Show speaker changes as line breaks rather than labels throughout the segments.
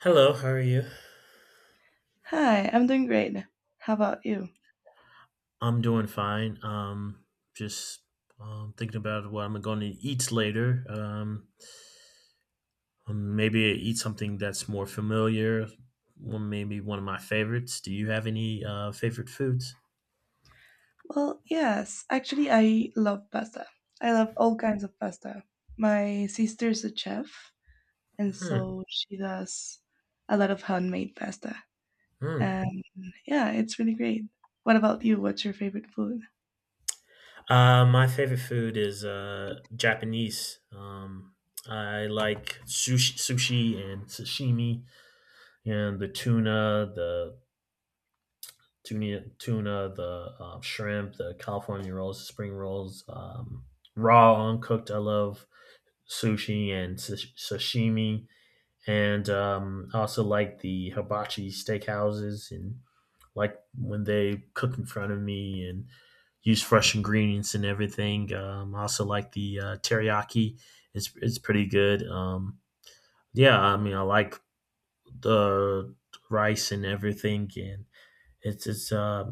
Hello, how are you?
Hi, I'm doing great. How about you?
I'm doing fine. Just thinking about what I'm going to eat later. Maybe eat something that's more familiar. One, maybe one of my favorites. Do you have any favorite foods?
Well, yes, actually, I love pasta. I love all kinds of pasta. My sister's a chef, and
Hmm.
so she does a lot of handmade pasta.
Hmm.
And yeah, it's really great. What about you? What's your favorite food?
My favorite food is Japanese. I like sushi and sashimi, and the tuna, the shrimp, the California rolls, spring rolls, raw, uncooked. I love sushi and sashimi, and I also like the hibachi steakhouses, and like when they cook in front of me and use fresh ingredients and everything. I also like the teriyaki; it's pretty good. Yeah, I mean, I like the rice and everything, and it's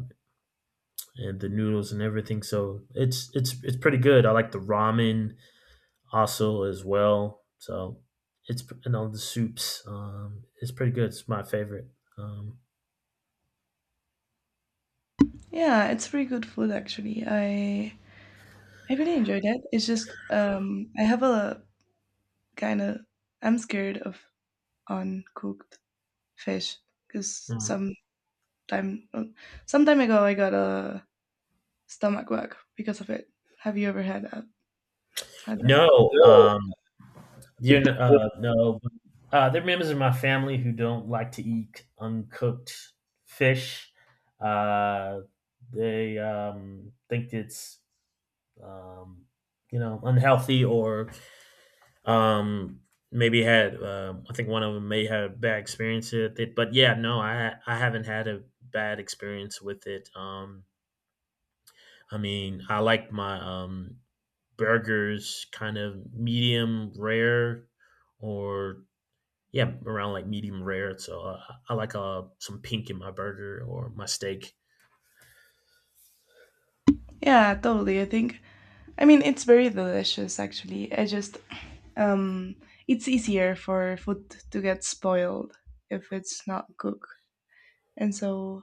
and the noodles and everything. So it's pretty good. I like the ramen also as well. So it's, you know, the soups. It's pretty good. It's my favorite. Um,
Yeah, it's pretty good food actually. I really enjoyed it. It's just I have a kind of I'm scared of uncooked fish because
mm.
time some time ago I got a stomach bug because of it. Have you ever had that? Had that?
No, you know, no. There are members of my family who don't like to eat uncooked fish. Uh, they think it's um, you know, unhealthy, or Um, maybe had I think one of them may have bad experience with it, but yeah, no, I haven't had a bad experience with it. I mean, I like my burgers kind of medium rare, or yeah, around like medium rare. So I like some pink in my burger or my steak.
Yeah, totally. I think. I mean, it's very delicious actually. I just um, it's easier for food to get spoiled if it's not cooked, and so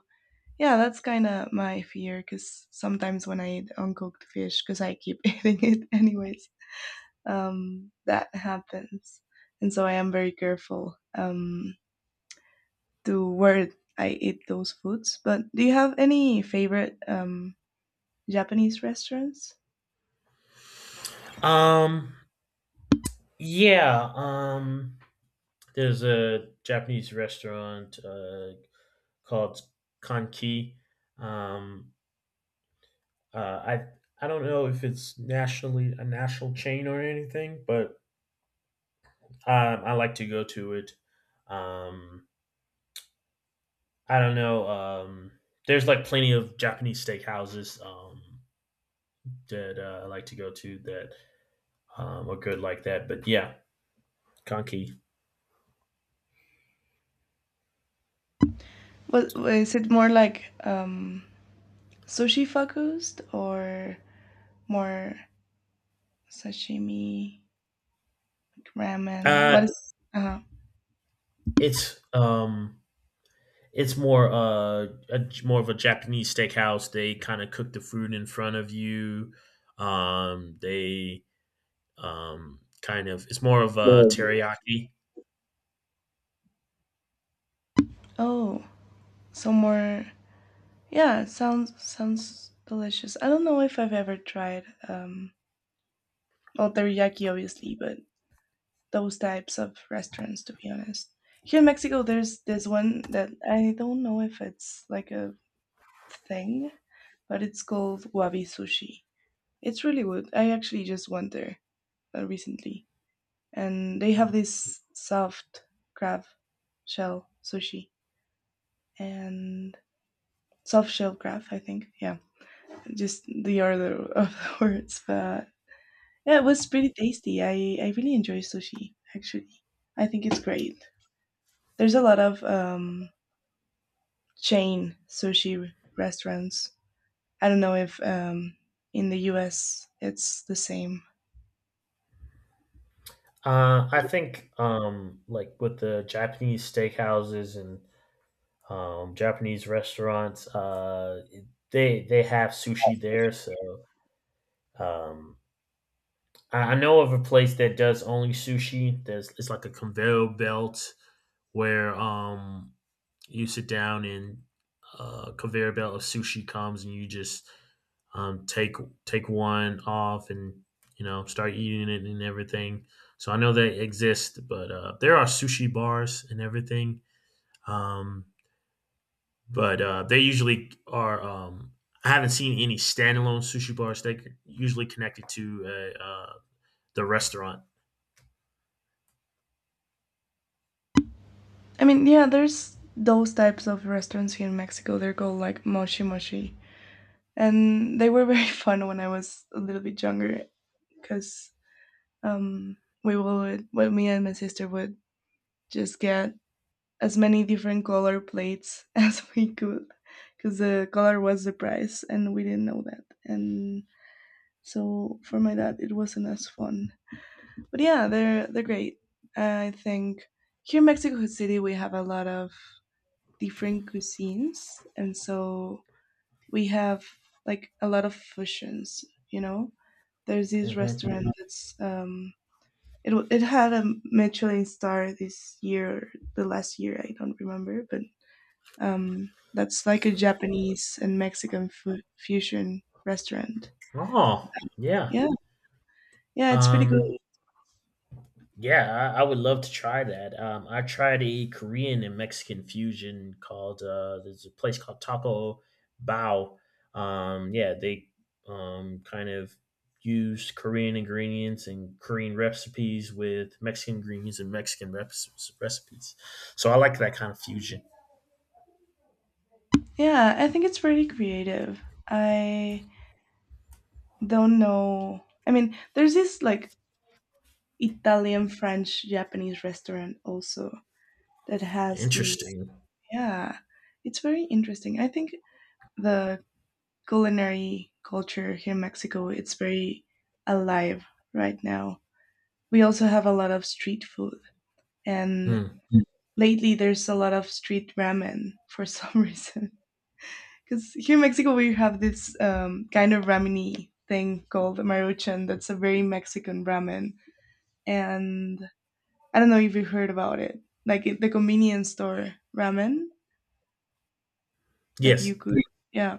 yeah, that's kind of my fear. Because sometimes when I eat uncooked fish, because I keep eating it anyways, that happens, and so I am very careful to where I eat those foods. But do you have any favorite Japanese restaurants?
Um, yeah. There's a Japanese restaurant called Kanki. Um, Uh, I I don't know if it's nationally a national chain or anything, but I like to go to it. Um, I don't know. There's like plenty of Japanese steakhouses that I like to go to that are good like that. But yeah, Kanki.
Was it more like sushi focused or more sashimi, ramen? What
Uh,
is?
it's it's more more of a Japanese steakhouse. They kind of cook the food in front of you. They It's more of a
No.
teriyaki.
Oh, so more. Yeah, sounds delicious. I don't know if I've ever tried well, teriyaki, obviously, but those types of restaurants, to be honest. Here in Mexico, there's this one that I don't know if it's like a thing, but it's called Wabi Sushi. It's really good. I actually just went there recently, and they have this soft crab shell sushi and soft shell crab. I think, yeah, just the order of the words, but yeah, it was pretty tasty. I really enjoy sushi. Actually, I think it's great. There's a lot of chain sushi restaurants. I don't know if in the U.S. it's the same.
I think like with the Japanese steakhouses and Japanese restaurants, they have sushi there, so um, I know of a place that does only sushi. There's, it's like a conveyor belt where you sit down and conveyor belt of sushi comes and you just um take take one off and, you know, start eating it and everything. So I know they exist, but there are sushi bars and everything. Um, but they usually are. I haven't seen any standalone sushi bars. They're usually connected to uh, uh, the restaurant.
I mean, yeah, there's those types of restaurants here in Mexico. They're called like moshi moshi, and they were very fun when I was a little bit younger because um, we would, well, me and my sister would just get as many different color plates as we could because the color was the price, and we didn't know that. And so for my dad, it wasn't as fun. But yeah, they're great. I think here in Mexico City, we have a lot of different cuisines, and so we have like a lot of fusions. You know, there's this
Mhm.
restaurant that's it had a Michelin star this year, the last year I don't remember, but that's like a Japanese and Mexican fusion restaurant.
Oh, yeah.
Yeah, yeah, it's pretty
Um,
good.
yeah, I would love to try that. I tried a Korean and Mexican fusion called there's a place called Taco Bao. Yeah, they kind of use Korean ingredients and Korean recipes with Mexican ingredients and recipes. So I like that kind of fusion.
Yeah, I think it's pretty creative. I don't know. I mean, there's this like Italian, French, Japanese restaurant also that has these,
Interesting.
yeah, it's very interesting. I think the culinary culture here in Mexico, it's very alive right now. We also have a lot of street food, and
Hmm.
Mm. Lately there's a lot of street ramen for some reason, because here in Mexico we have this kind of rameny thing called maruchan that's a very Mexican ramen, and I don't know if you heard about it, like it, the convenience store ramen that
Yes,
you could, yeah,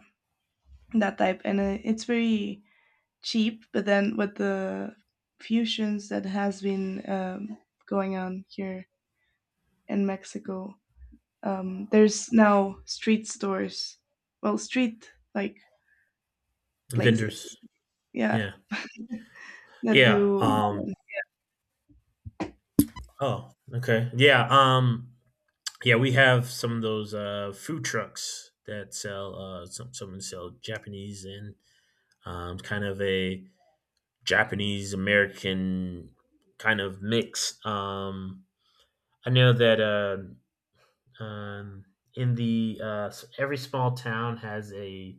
that type. And it's very cheap, but then with the fusions that has been going on here in Mexico, there's now street stores, well, street like places,
vendors.
yeah,
Yeah.
that
Yeah.
do.
Oh, okay. Yeah. Yeah, we have some of those food trucks that sell some sell Japanese and kind of a Japanese American kind of mix. I know that um, in the every small town has a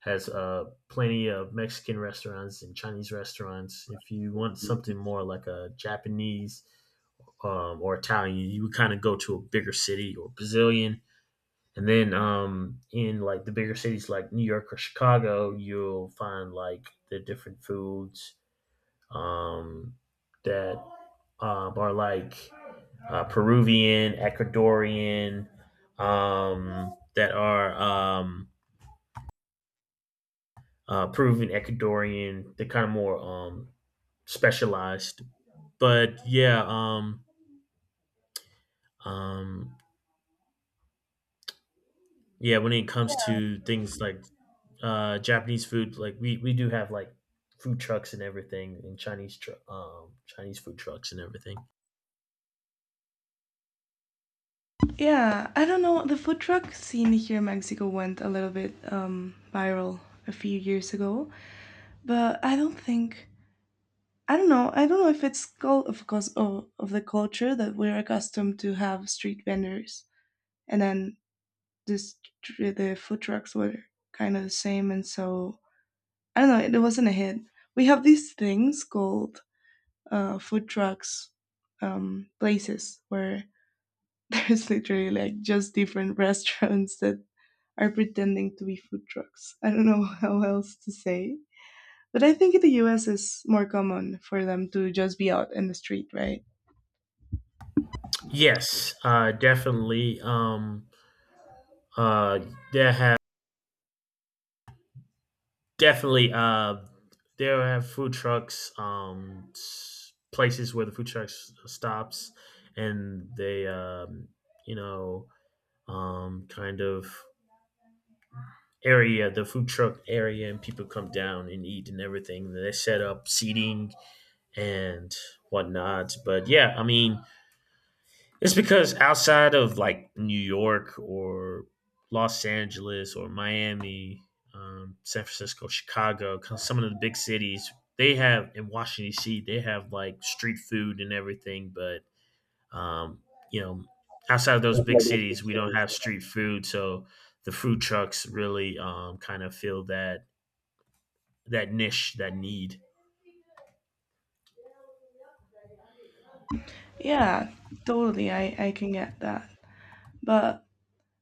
has plenty of Mexican restaurants and Chinese restaurants. If you want something more like a Japanese or Italian, you would kind of go to a bigger city, or Brazilian. And then in like the bigger cities like New York or Chicago, you'll find like the different foods um, that are like Peruvian, Ecuadorian, that are Peruvian, Ecuadorian. They're kind of more specialized. But yeah, um, yeah, when it comes to things like Japanese food, like we do have like food trucks and everything, and Chinese food trucks and everything.
Yeah, I don't know, the food truck scene here in Mexico went a little bit viral a few years ago, but I don't think, I don't know. I don't know if it's of course of the culture that we're accustomed to have street vendors, and then this, the food trucks were kind of the same, and so I don't know. It wasn't a hit. We have these things called food trucks, places where there's literally like just different restaurants that are pretending to be food trucks. I don't know how else to say. But I think in the US it's more common for them to just be out in the street, right?
Yes, definitely uh there have definitely uh there have food trucks, places where the food trucks stops, and they you know, kind of area, the food truck area, and people come down and eat and everything. They set up seating and whatnot. But yeah, I mean, it's because outside of like New York or Los Angeles or Miami, San Francisco, Chicago, 'cause some of the big cities, they have in Washington D.C. they have like street food and everything. But um, you know, outside of those big cities, we don't have street food, so the food trucks really kind of fill that, niche, that need.
Yeah, totally. I can get that. But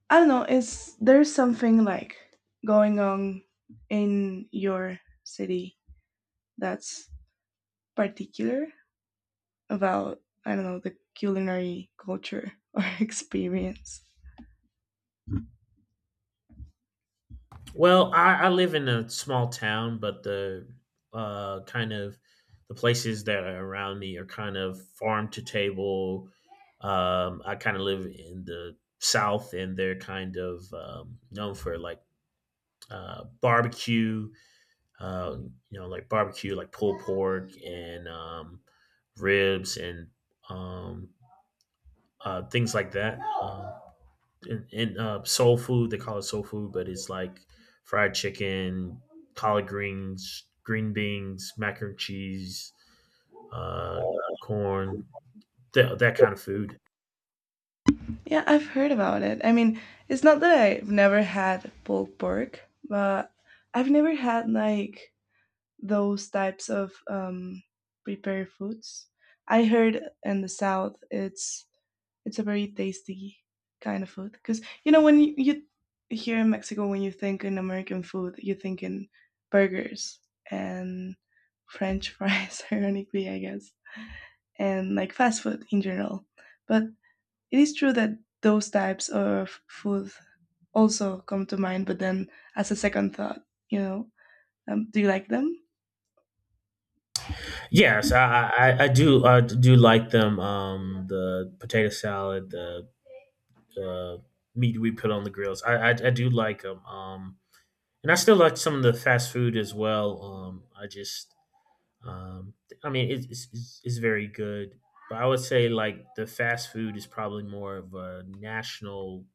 I don't know, it's there's something like going on in your city that's particular about, I don't know, the culinary culture or experience.
Well, I live in a small town, but the kind of the places that are around me are kind of farm to table. I kind of live in the South, and they're kind of known for like barbecue, uh, you know, like barbecue, like pulled pork and ribs and um, things like that. In soul food. They call it soul food, but it's like fried chicken, collard greens, green beans, mac and cheese, uh, corn, that kind of food.
Yeah, I've heard about it. I mean, it's not that I've never had pulled pork, but I've never had like those types of prepared foods. I heard in the south it's a very tasty kind of food. Because, you know, when you, here in Mexico, when you think in American food, you think in burgers and French fries, ironically, I guess, and like fast food in general. But it is true that those types of food also come to mind, but then as a second thought, you know, do you like them?
Yes, I do, I do like them. The potato salad, the uh, meat we put on the grills. I do like them. And I still like some of the fast food as well. Um, I mean, it's very good, but I would say like the fast food is probably more of a national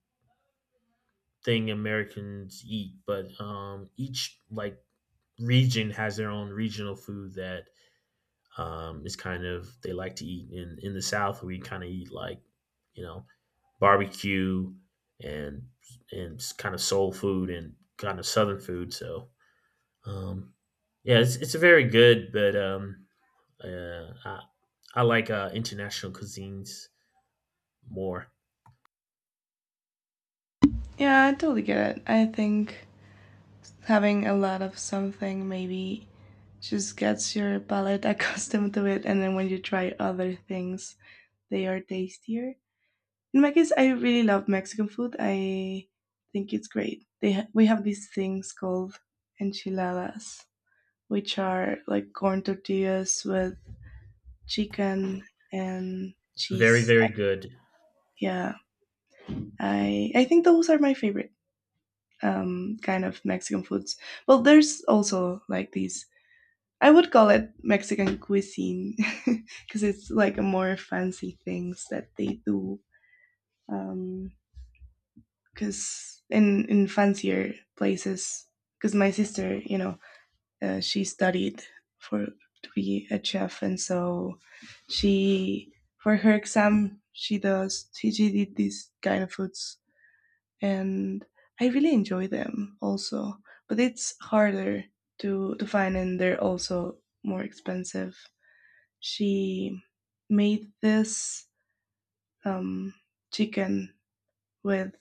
thing Americans eat, but each like region has their own regional food that is kind of they like to eat. In the South, we kind of eat like, you know, barbecue and and kind of soul food and kind of Southern food. So um, yeah, it's very good, but Uh, I, I like international cuisines more.
Yeah, I totally get it. I think having a lot of something maybe just gets your palate accustomed to it, and then when you try other things they are tastier. In my case I really love Mexican food. I think it's great. They we have these things called enchiladas, which are like corn tortillas with chicken and
Very,
cheese.
very good.
Yeah, I think those are my favorite kind of Mexican foods. Well, there's also like these, I would call it Mexican cuisine because it's like a more fancy things that they do. Because in fancier places, because my sister, you know, she studied for to be a chef, and so she, for her exam she does she did these kind of foods, and I really enjoy them also. But it's harder to find, and they're also more expensive. She made this um, chicken with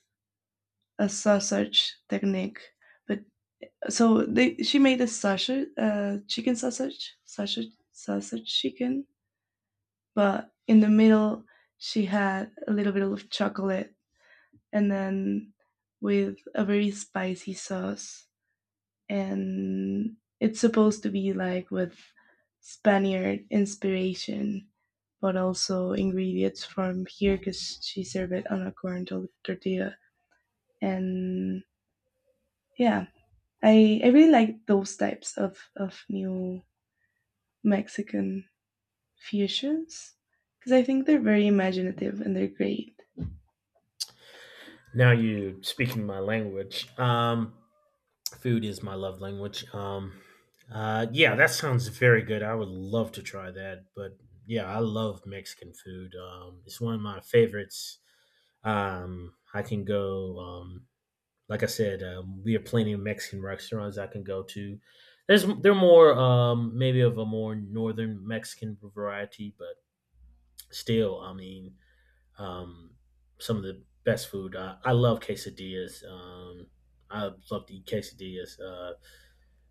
a sausage technique. But so they, she made a sausage, chicken sausage, sausage, sausage chicken. But in the middle, she had a little bit of chocolate, and then with a very spicy sauce, and it's supposed to be like with Spaniard inspiration, but also ingredients from here because she served it on a corn tortilla. And yeah, I really like those types of new Mexican fusions because I think they're very imaginative and they're great.
Now you speaking my language. Food is my love language. Yeah, that sounds very good. I would love to try that. But yeah, I love Mexican food. It's one of my favorites. I can go. Like I said, we have plenty of Mexican restaurants I can go to. There's, they're more maybe of a more northern Mexican variety, but still, I mean, um, some of the best food. I love quesadillas. I love to eat quesadillas.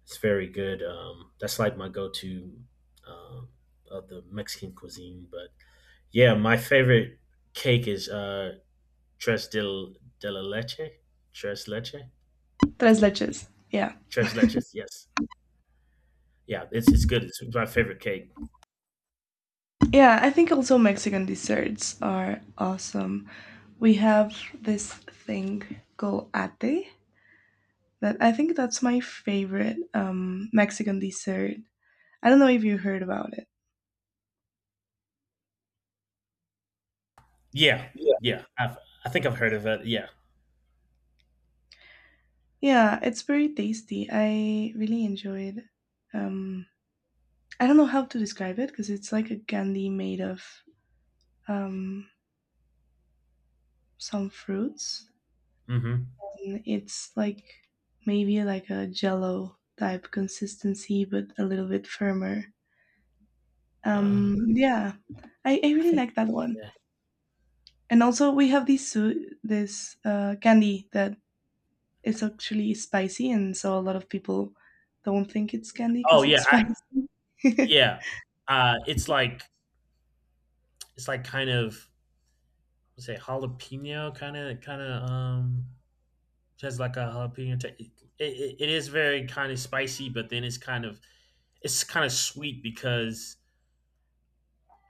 It's very good. That's like my go-to um, of the Mexican cuisine. But yeah, my favorite cake is tres del de la leche. Tres leche.
Tres leches, yeah.
Tres leches. Yes. Yeah, it's good. It's my favorite cake.
Yeah, I think also Mexican desserts are awesome. We have this thing called ate, that I think that's my favorite Mexican dessert. I don't know if you heard about it.
Yeah,
Yeah.
yeah. I think I've heard of it. Yeah.
Yeah, it's very tasty. I really enjoyed. Um, I don't know how to describe it because it's like a candy made of um, some fruits.
Mm-hmm.
And it's like maybe like a jello type consistency, but a little bit firmer.
Uh,
Yeah, I
I
really
think.
like that one.
Yeah.
And also we have this this candy that, it's actually spicy, and so a lot of people don't think it's candy
Oh
because it's
yeah.
spicy.
Yeah. It's like, it's like kind of, let's say jalapeno, kind of has like a jalapeno ta- it is very kind of spicy, but then it's kind of, it's kind of sweet because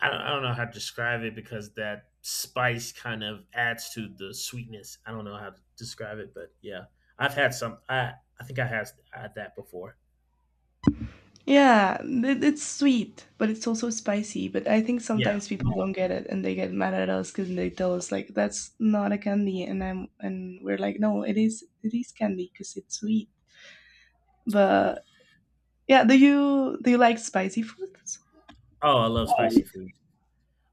I don't know how to describe it, because that spice kind of adds to the sweetness. I don't know how to describe it, but yeah, I've had some. I think I had that before.
Yeah, it, it's sweet, but it's also spicy. But I think sometimes
Yeah.
people don't get it, and they get mad at us because they tell us like that's not a candy, and I'm and we're like, no, it is candy because it's sweet. But yeah, do you like spicy foods?
Oh, I love spicy food.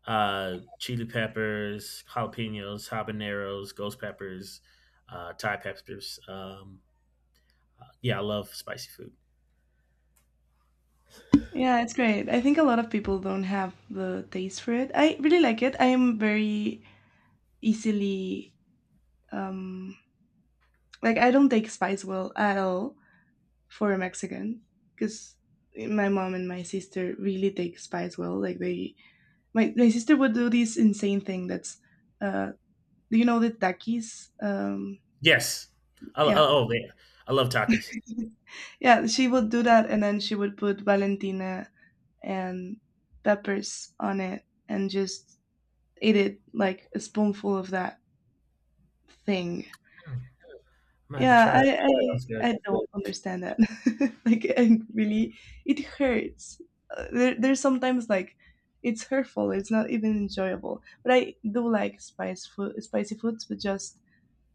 Chili peppers, jalapenos, habaneros, ghost peppers, Thai peppers. Yeah, I love spicy food.
Yeah, it's great. I think a lot of people don't have the taste for it. I really like it. I am very easily um like, I don't take spice well at all for a Mexican, because my mom and my sister really take spice well. Like they, my sister would do this insane thing. That's uh, do you know the takis?
Yes.
Yeah,
Oh, yeah. I love Takis.
yeah. She would do that, and then she would put Valentina and peppers on it, and just eat it like a spoonful of that thing.
Hmm, I'm gonna have to
Yeah,
try that.
I
Sounds good.
I I don't understand that. Like, and really, it hurts. There's sometimes like it's hurtful. It's not even enjoyable. But I do like spice food, spicy foods, but just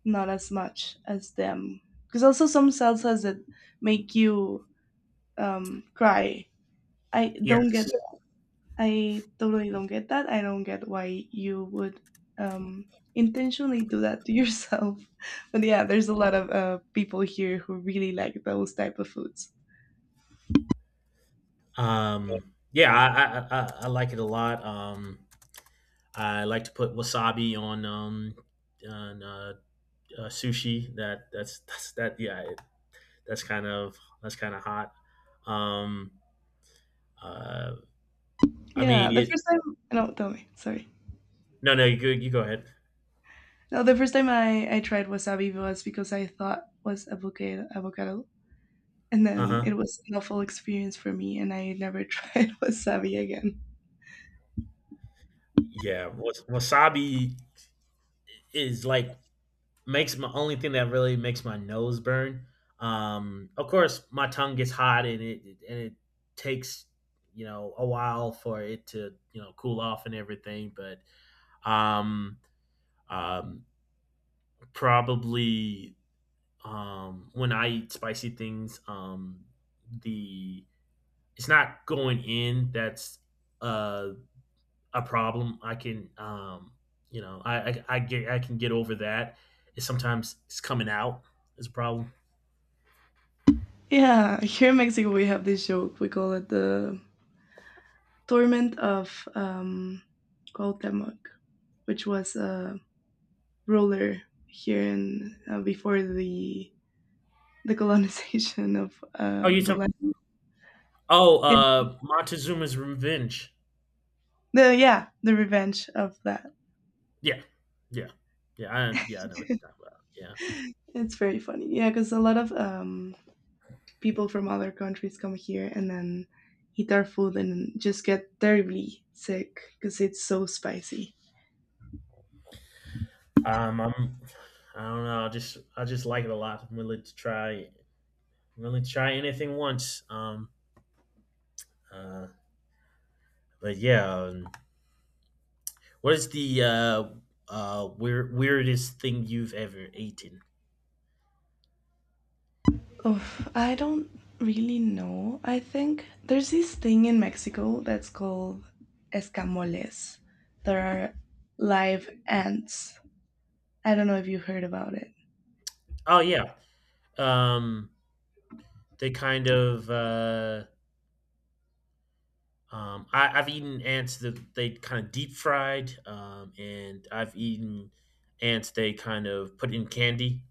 not as much as them. Because also some salsas that make you cry. I don't get,
Yes.
I totally don't get that. I don't get why you would intentionally do that to yourself. But yeah, there's a lot of people here who really like those type of foods.
Yeah, I like it a lot. I like to put wasabi on on uh, sushi. That that's that Yeah. It, that's kind of, that's kind of hot. Um, uh, I
Yeah,
mean
the
it.
first time, no, tell me, sorry.
No, no, you go ahead.
No, the first time I tried wasabi was because I thought was avocado, and
Uh
then it
huh.
was an awful experience for me, and I never tried wasabi again.
Yeah, wasabi is like, makes my, only thing that really makes my nose burn. Of course, my tongue gets hot and it takes, you know, a while for it to, you know, cool off and everything. But um, um, probably when I eat spicy things, the, it's not going in. That's uh a problem. I can, you know, I can get over that. It's sometimes it's coming out is a problem.
Yeah, here in Mexico we have this joke. We call it the torment of Cuauhtemoc, which was a ruler here in before the colonization of
Oh, you
the
talk,
land.
oh,
It-
Montezuma's Revenge.
the, yeah, the revenge of that.
Yeah, yeah, yeah. I, yeah, I know what you're talking about. Yeah.
It's very funny. Yeah, because a lot of people from other countries come here and then eat our food and just get terribly sick because it's so spicy.
Um, I'm, I don't know. I just like it a lot. I'm willing to try anything once. Uh, but yeah, what is the weirdest thing you've ever eaten?
Oof, I don't really know. I think there's this thing in Mexico that's called escamoles. There are live ants. I don't know if you heard about it.
Oh yeah, um, they kind of I've eaten ants that they kind of deep fried, and I've eaten ants they kind of put in candy.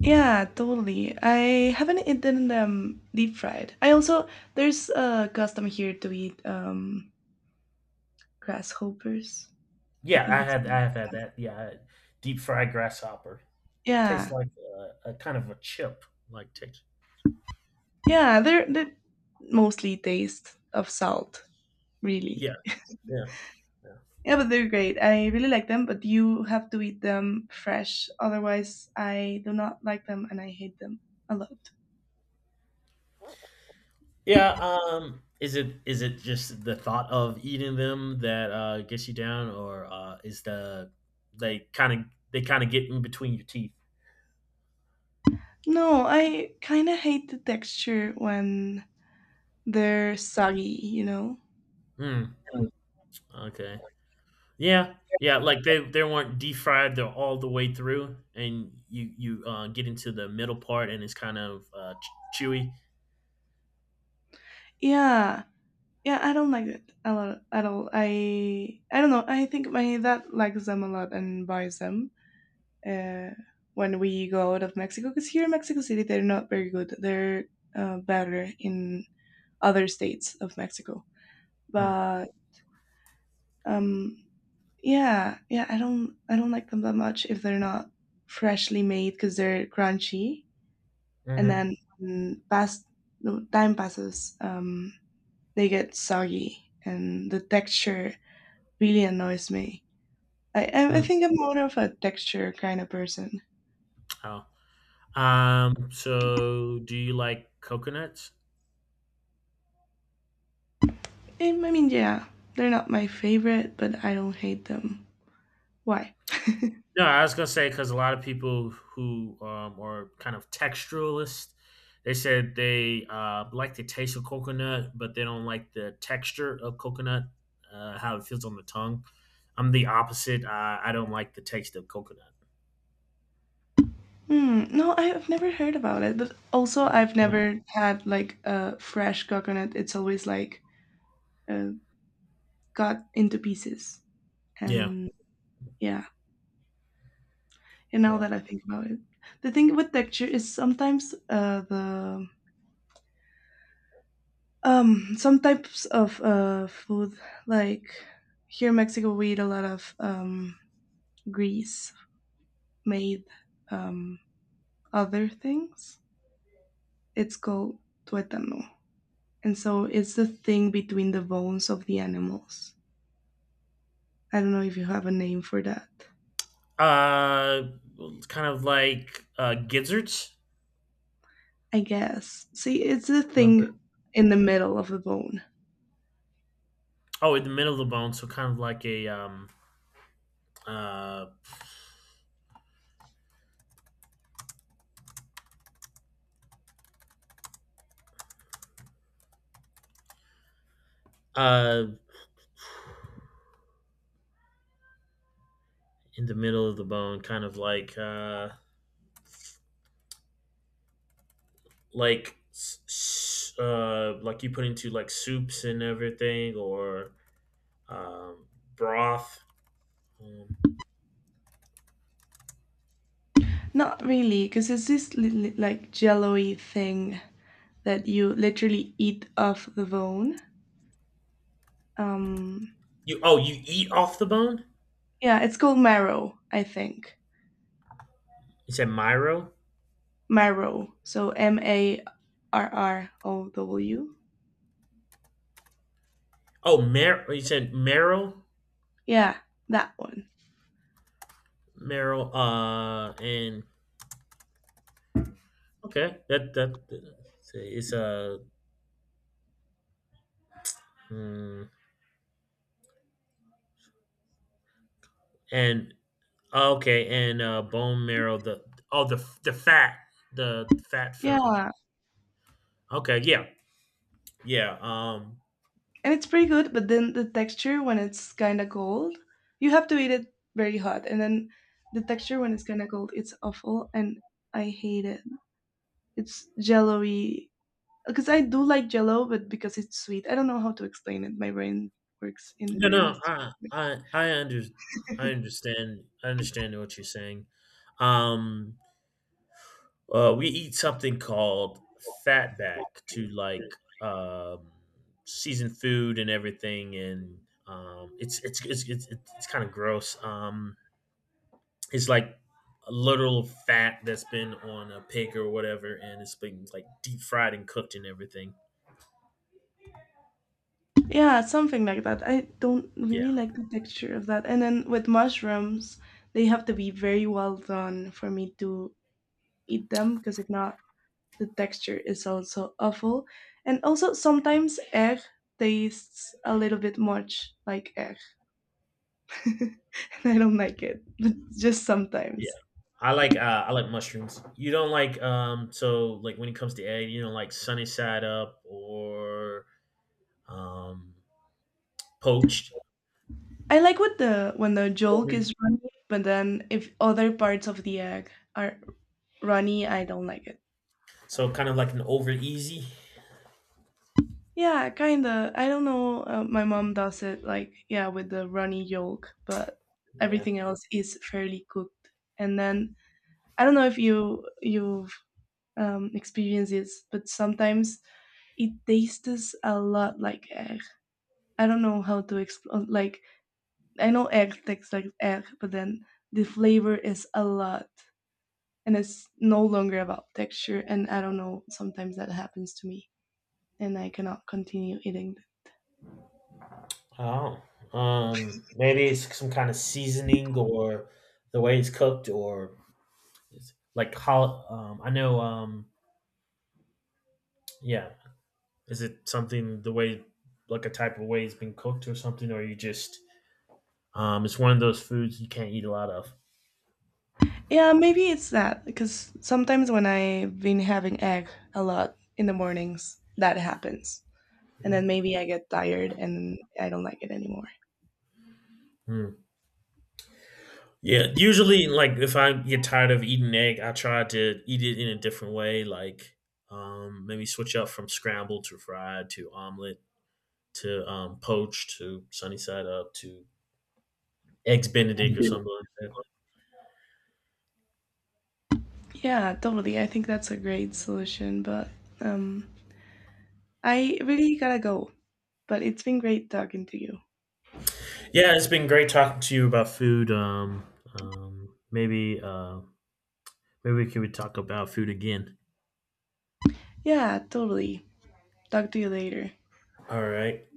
Yeah, totally. I haven't eaten them deep fried. I also there's a custom here to eat grasshoppers. I
Yeah,
think it's
I have had that. Yeah, I- had Deep fried grasshopper tastes
yeah.
like a kind of a chip like taste.
Yeah, they mostly taste of salt, really.
Yeah, yeah, yeah.
Yeah, but they're great. I really like them, but you have to eat them fresh. Otherwise, I do not like them and I hate them a lot.
Yeah. Is it, is it just the thought of eating them that gets you down, or is the, they kind of, they kind of get in between your teeth?
No, I kind of hate the texture when they're soggy, you know?
Hmm.
Mm.
Okay. Yeah, yeah, like, they weren't deep fried. They're all the way through, and you, get into the middle part, and it's kind of, ch chewy.
Yeah. Yeah, I don't like it a lot at all. I don't know. I think my dad likes them a lot and buys them uh, when we go out of Mexico. Because here in Mexico City, they're not very good. They're better in other states of Mexico.
Mm,
But Um, yeah, yeah, I don't like them that much if they're not freshly made because they're crunchy, and
mhm,
then when past no, time passes, they get soggy, and the texture really annoys me. I
mm,
think I'm more of a texture kind of person.
oh, so do you like coconuts?
I mean, yeah, they're not my favorite, but I don't hate them. Why?
No, I was gonna say because a lot of people who, are kind of texturalist, they said they, like the taste of coconut, but they don't like the texture of coconut, how it feels on the tongue. I'm the opposite, I don't like the taste of coconut.
Hmm, no, I've never heard about it, but also I've never had like a fresh coconut. It's always like got into pieces.
Yeah.
And yeah, and now
Yeah.
that I think about it, the thing with texture is sometimes the some types of food like here in Mexico we eat a lot of grease made um other things. It's called tuétano. And so it's the thing between the bones of the animals. I don't know if you have a name for that.
Uh, it's kind of like gizzards.
I guess. See, it's the thing
Liver.
in the middle of the bone.
Oh, in the middle of the bone, so kind of like a uh uh in the middle of the bone, kind of like like you put into like soups and everything, or um broth. Um,
Not really, because it's this like jello-y thing that you literally eat off the bone. Um,
you, oh, you eat off the bone?
yeah, it's called marrow, I think.
You said myro.
Marrow. So marrow.
Oh, you said marrow,
Yeah, that one.
marrow, and Okay, that that it's a mm, and oh, okay, and bone marrow, the, oh, the fat, the fat from.
Yeah,
Okay, yeah, yeah.
and it's pretty good, but then the texture when it's kind of cold, you have to eat it very hot, and then the texture when it's kind of cold, it's awful, and I hate it. It's jello-y because I do like Jello, but because it's sweet, I don't know how to explain it. My brain works in
No
very
no
mysterious.
I I under I understand, I understand what you're saying. um we eat something called fatback to like um season food and everything, and it's kind of gross. It's like a literal fat that's been on a pig or whatever, and it's been like deep fried and cooked and everything.
Yeah, something like that. I don't
Yeah,
really like the texture of that. And then with mushrooms, they have to be very well done for me to eat them because if not, the texture is also awful. And also sometimes egg tastes a little bit much like egg. and I don't like it. But just
yeah.
sometimes.
I like mushrooms. You don't like so like when it comes to egg, you don't like sunny side up or um poached,
I like what the when the yolk
over.
is runny, but then if other parts of the egg are runny, I don't like it.
So kind of like an over easy.
Yeah, kinda. I don't know. My mom does it like yeah with the runny yolk, but
Yeah.
everything else is fairly cooked. And then I don't know if you've experienced this, but sometimes it tastes a lot like egg. I don't know how to explain. Like I know egg tastes like egg, but then the flavor is a lot. And it's no longer about texture and I don't know, sometimes that happens to me and I cannot continue eating.
Oh. Maybe it's some kind of seasoning or the way it's cooked, or it's like how I know. Yeah. Is it something the way, like a type of way it's been cooked or something, or you just it's one of those foods you can't eat a lot of.
Yeah, maybe it's that because sometimes when I've been having egg a lot in the mornings that happens and then maybe I get tired and I don't like it anymore.
Mm. Yeah, usually like if I get tired of eating egg, I try to eat it in a different way, like maybe switch up from scrambled to fried to omelet to poached to sunny side up to eggs Benedict or something like that.
Yeah, totally, I think that's a great solution, but um I really gotta go but it's been great talking to you.
Yeah, it's been great talking to you about food. Maybe maybe we could talk about food again.
Yeah, totally, talk to you later.
All right.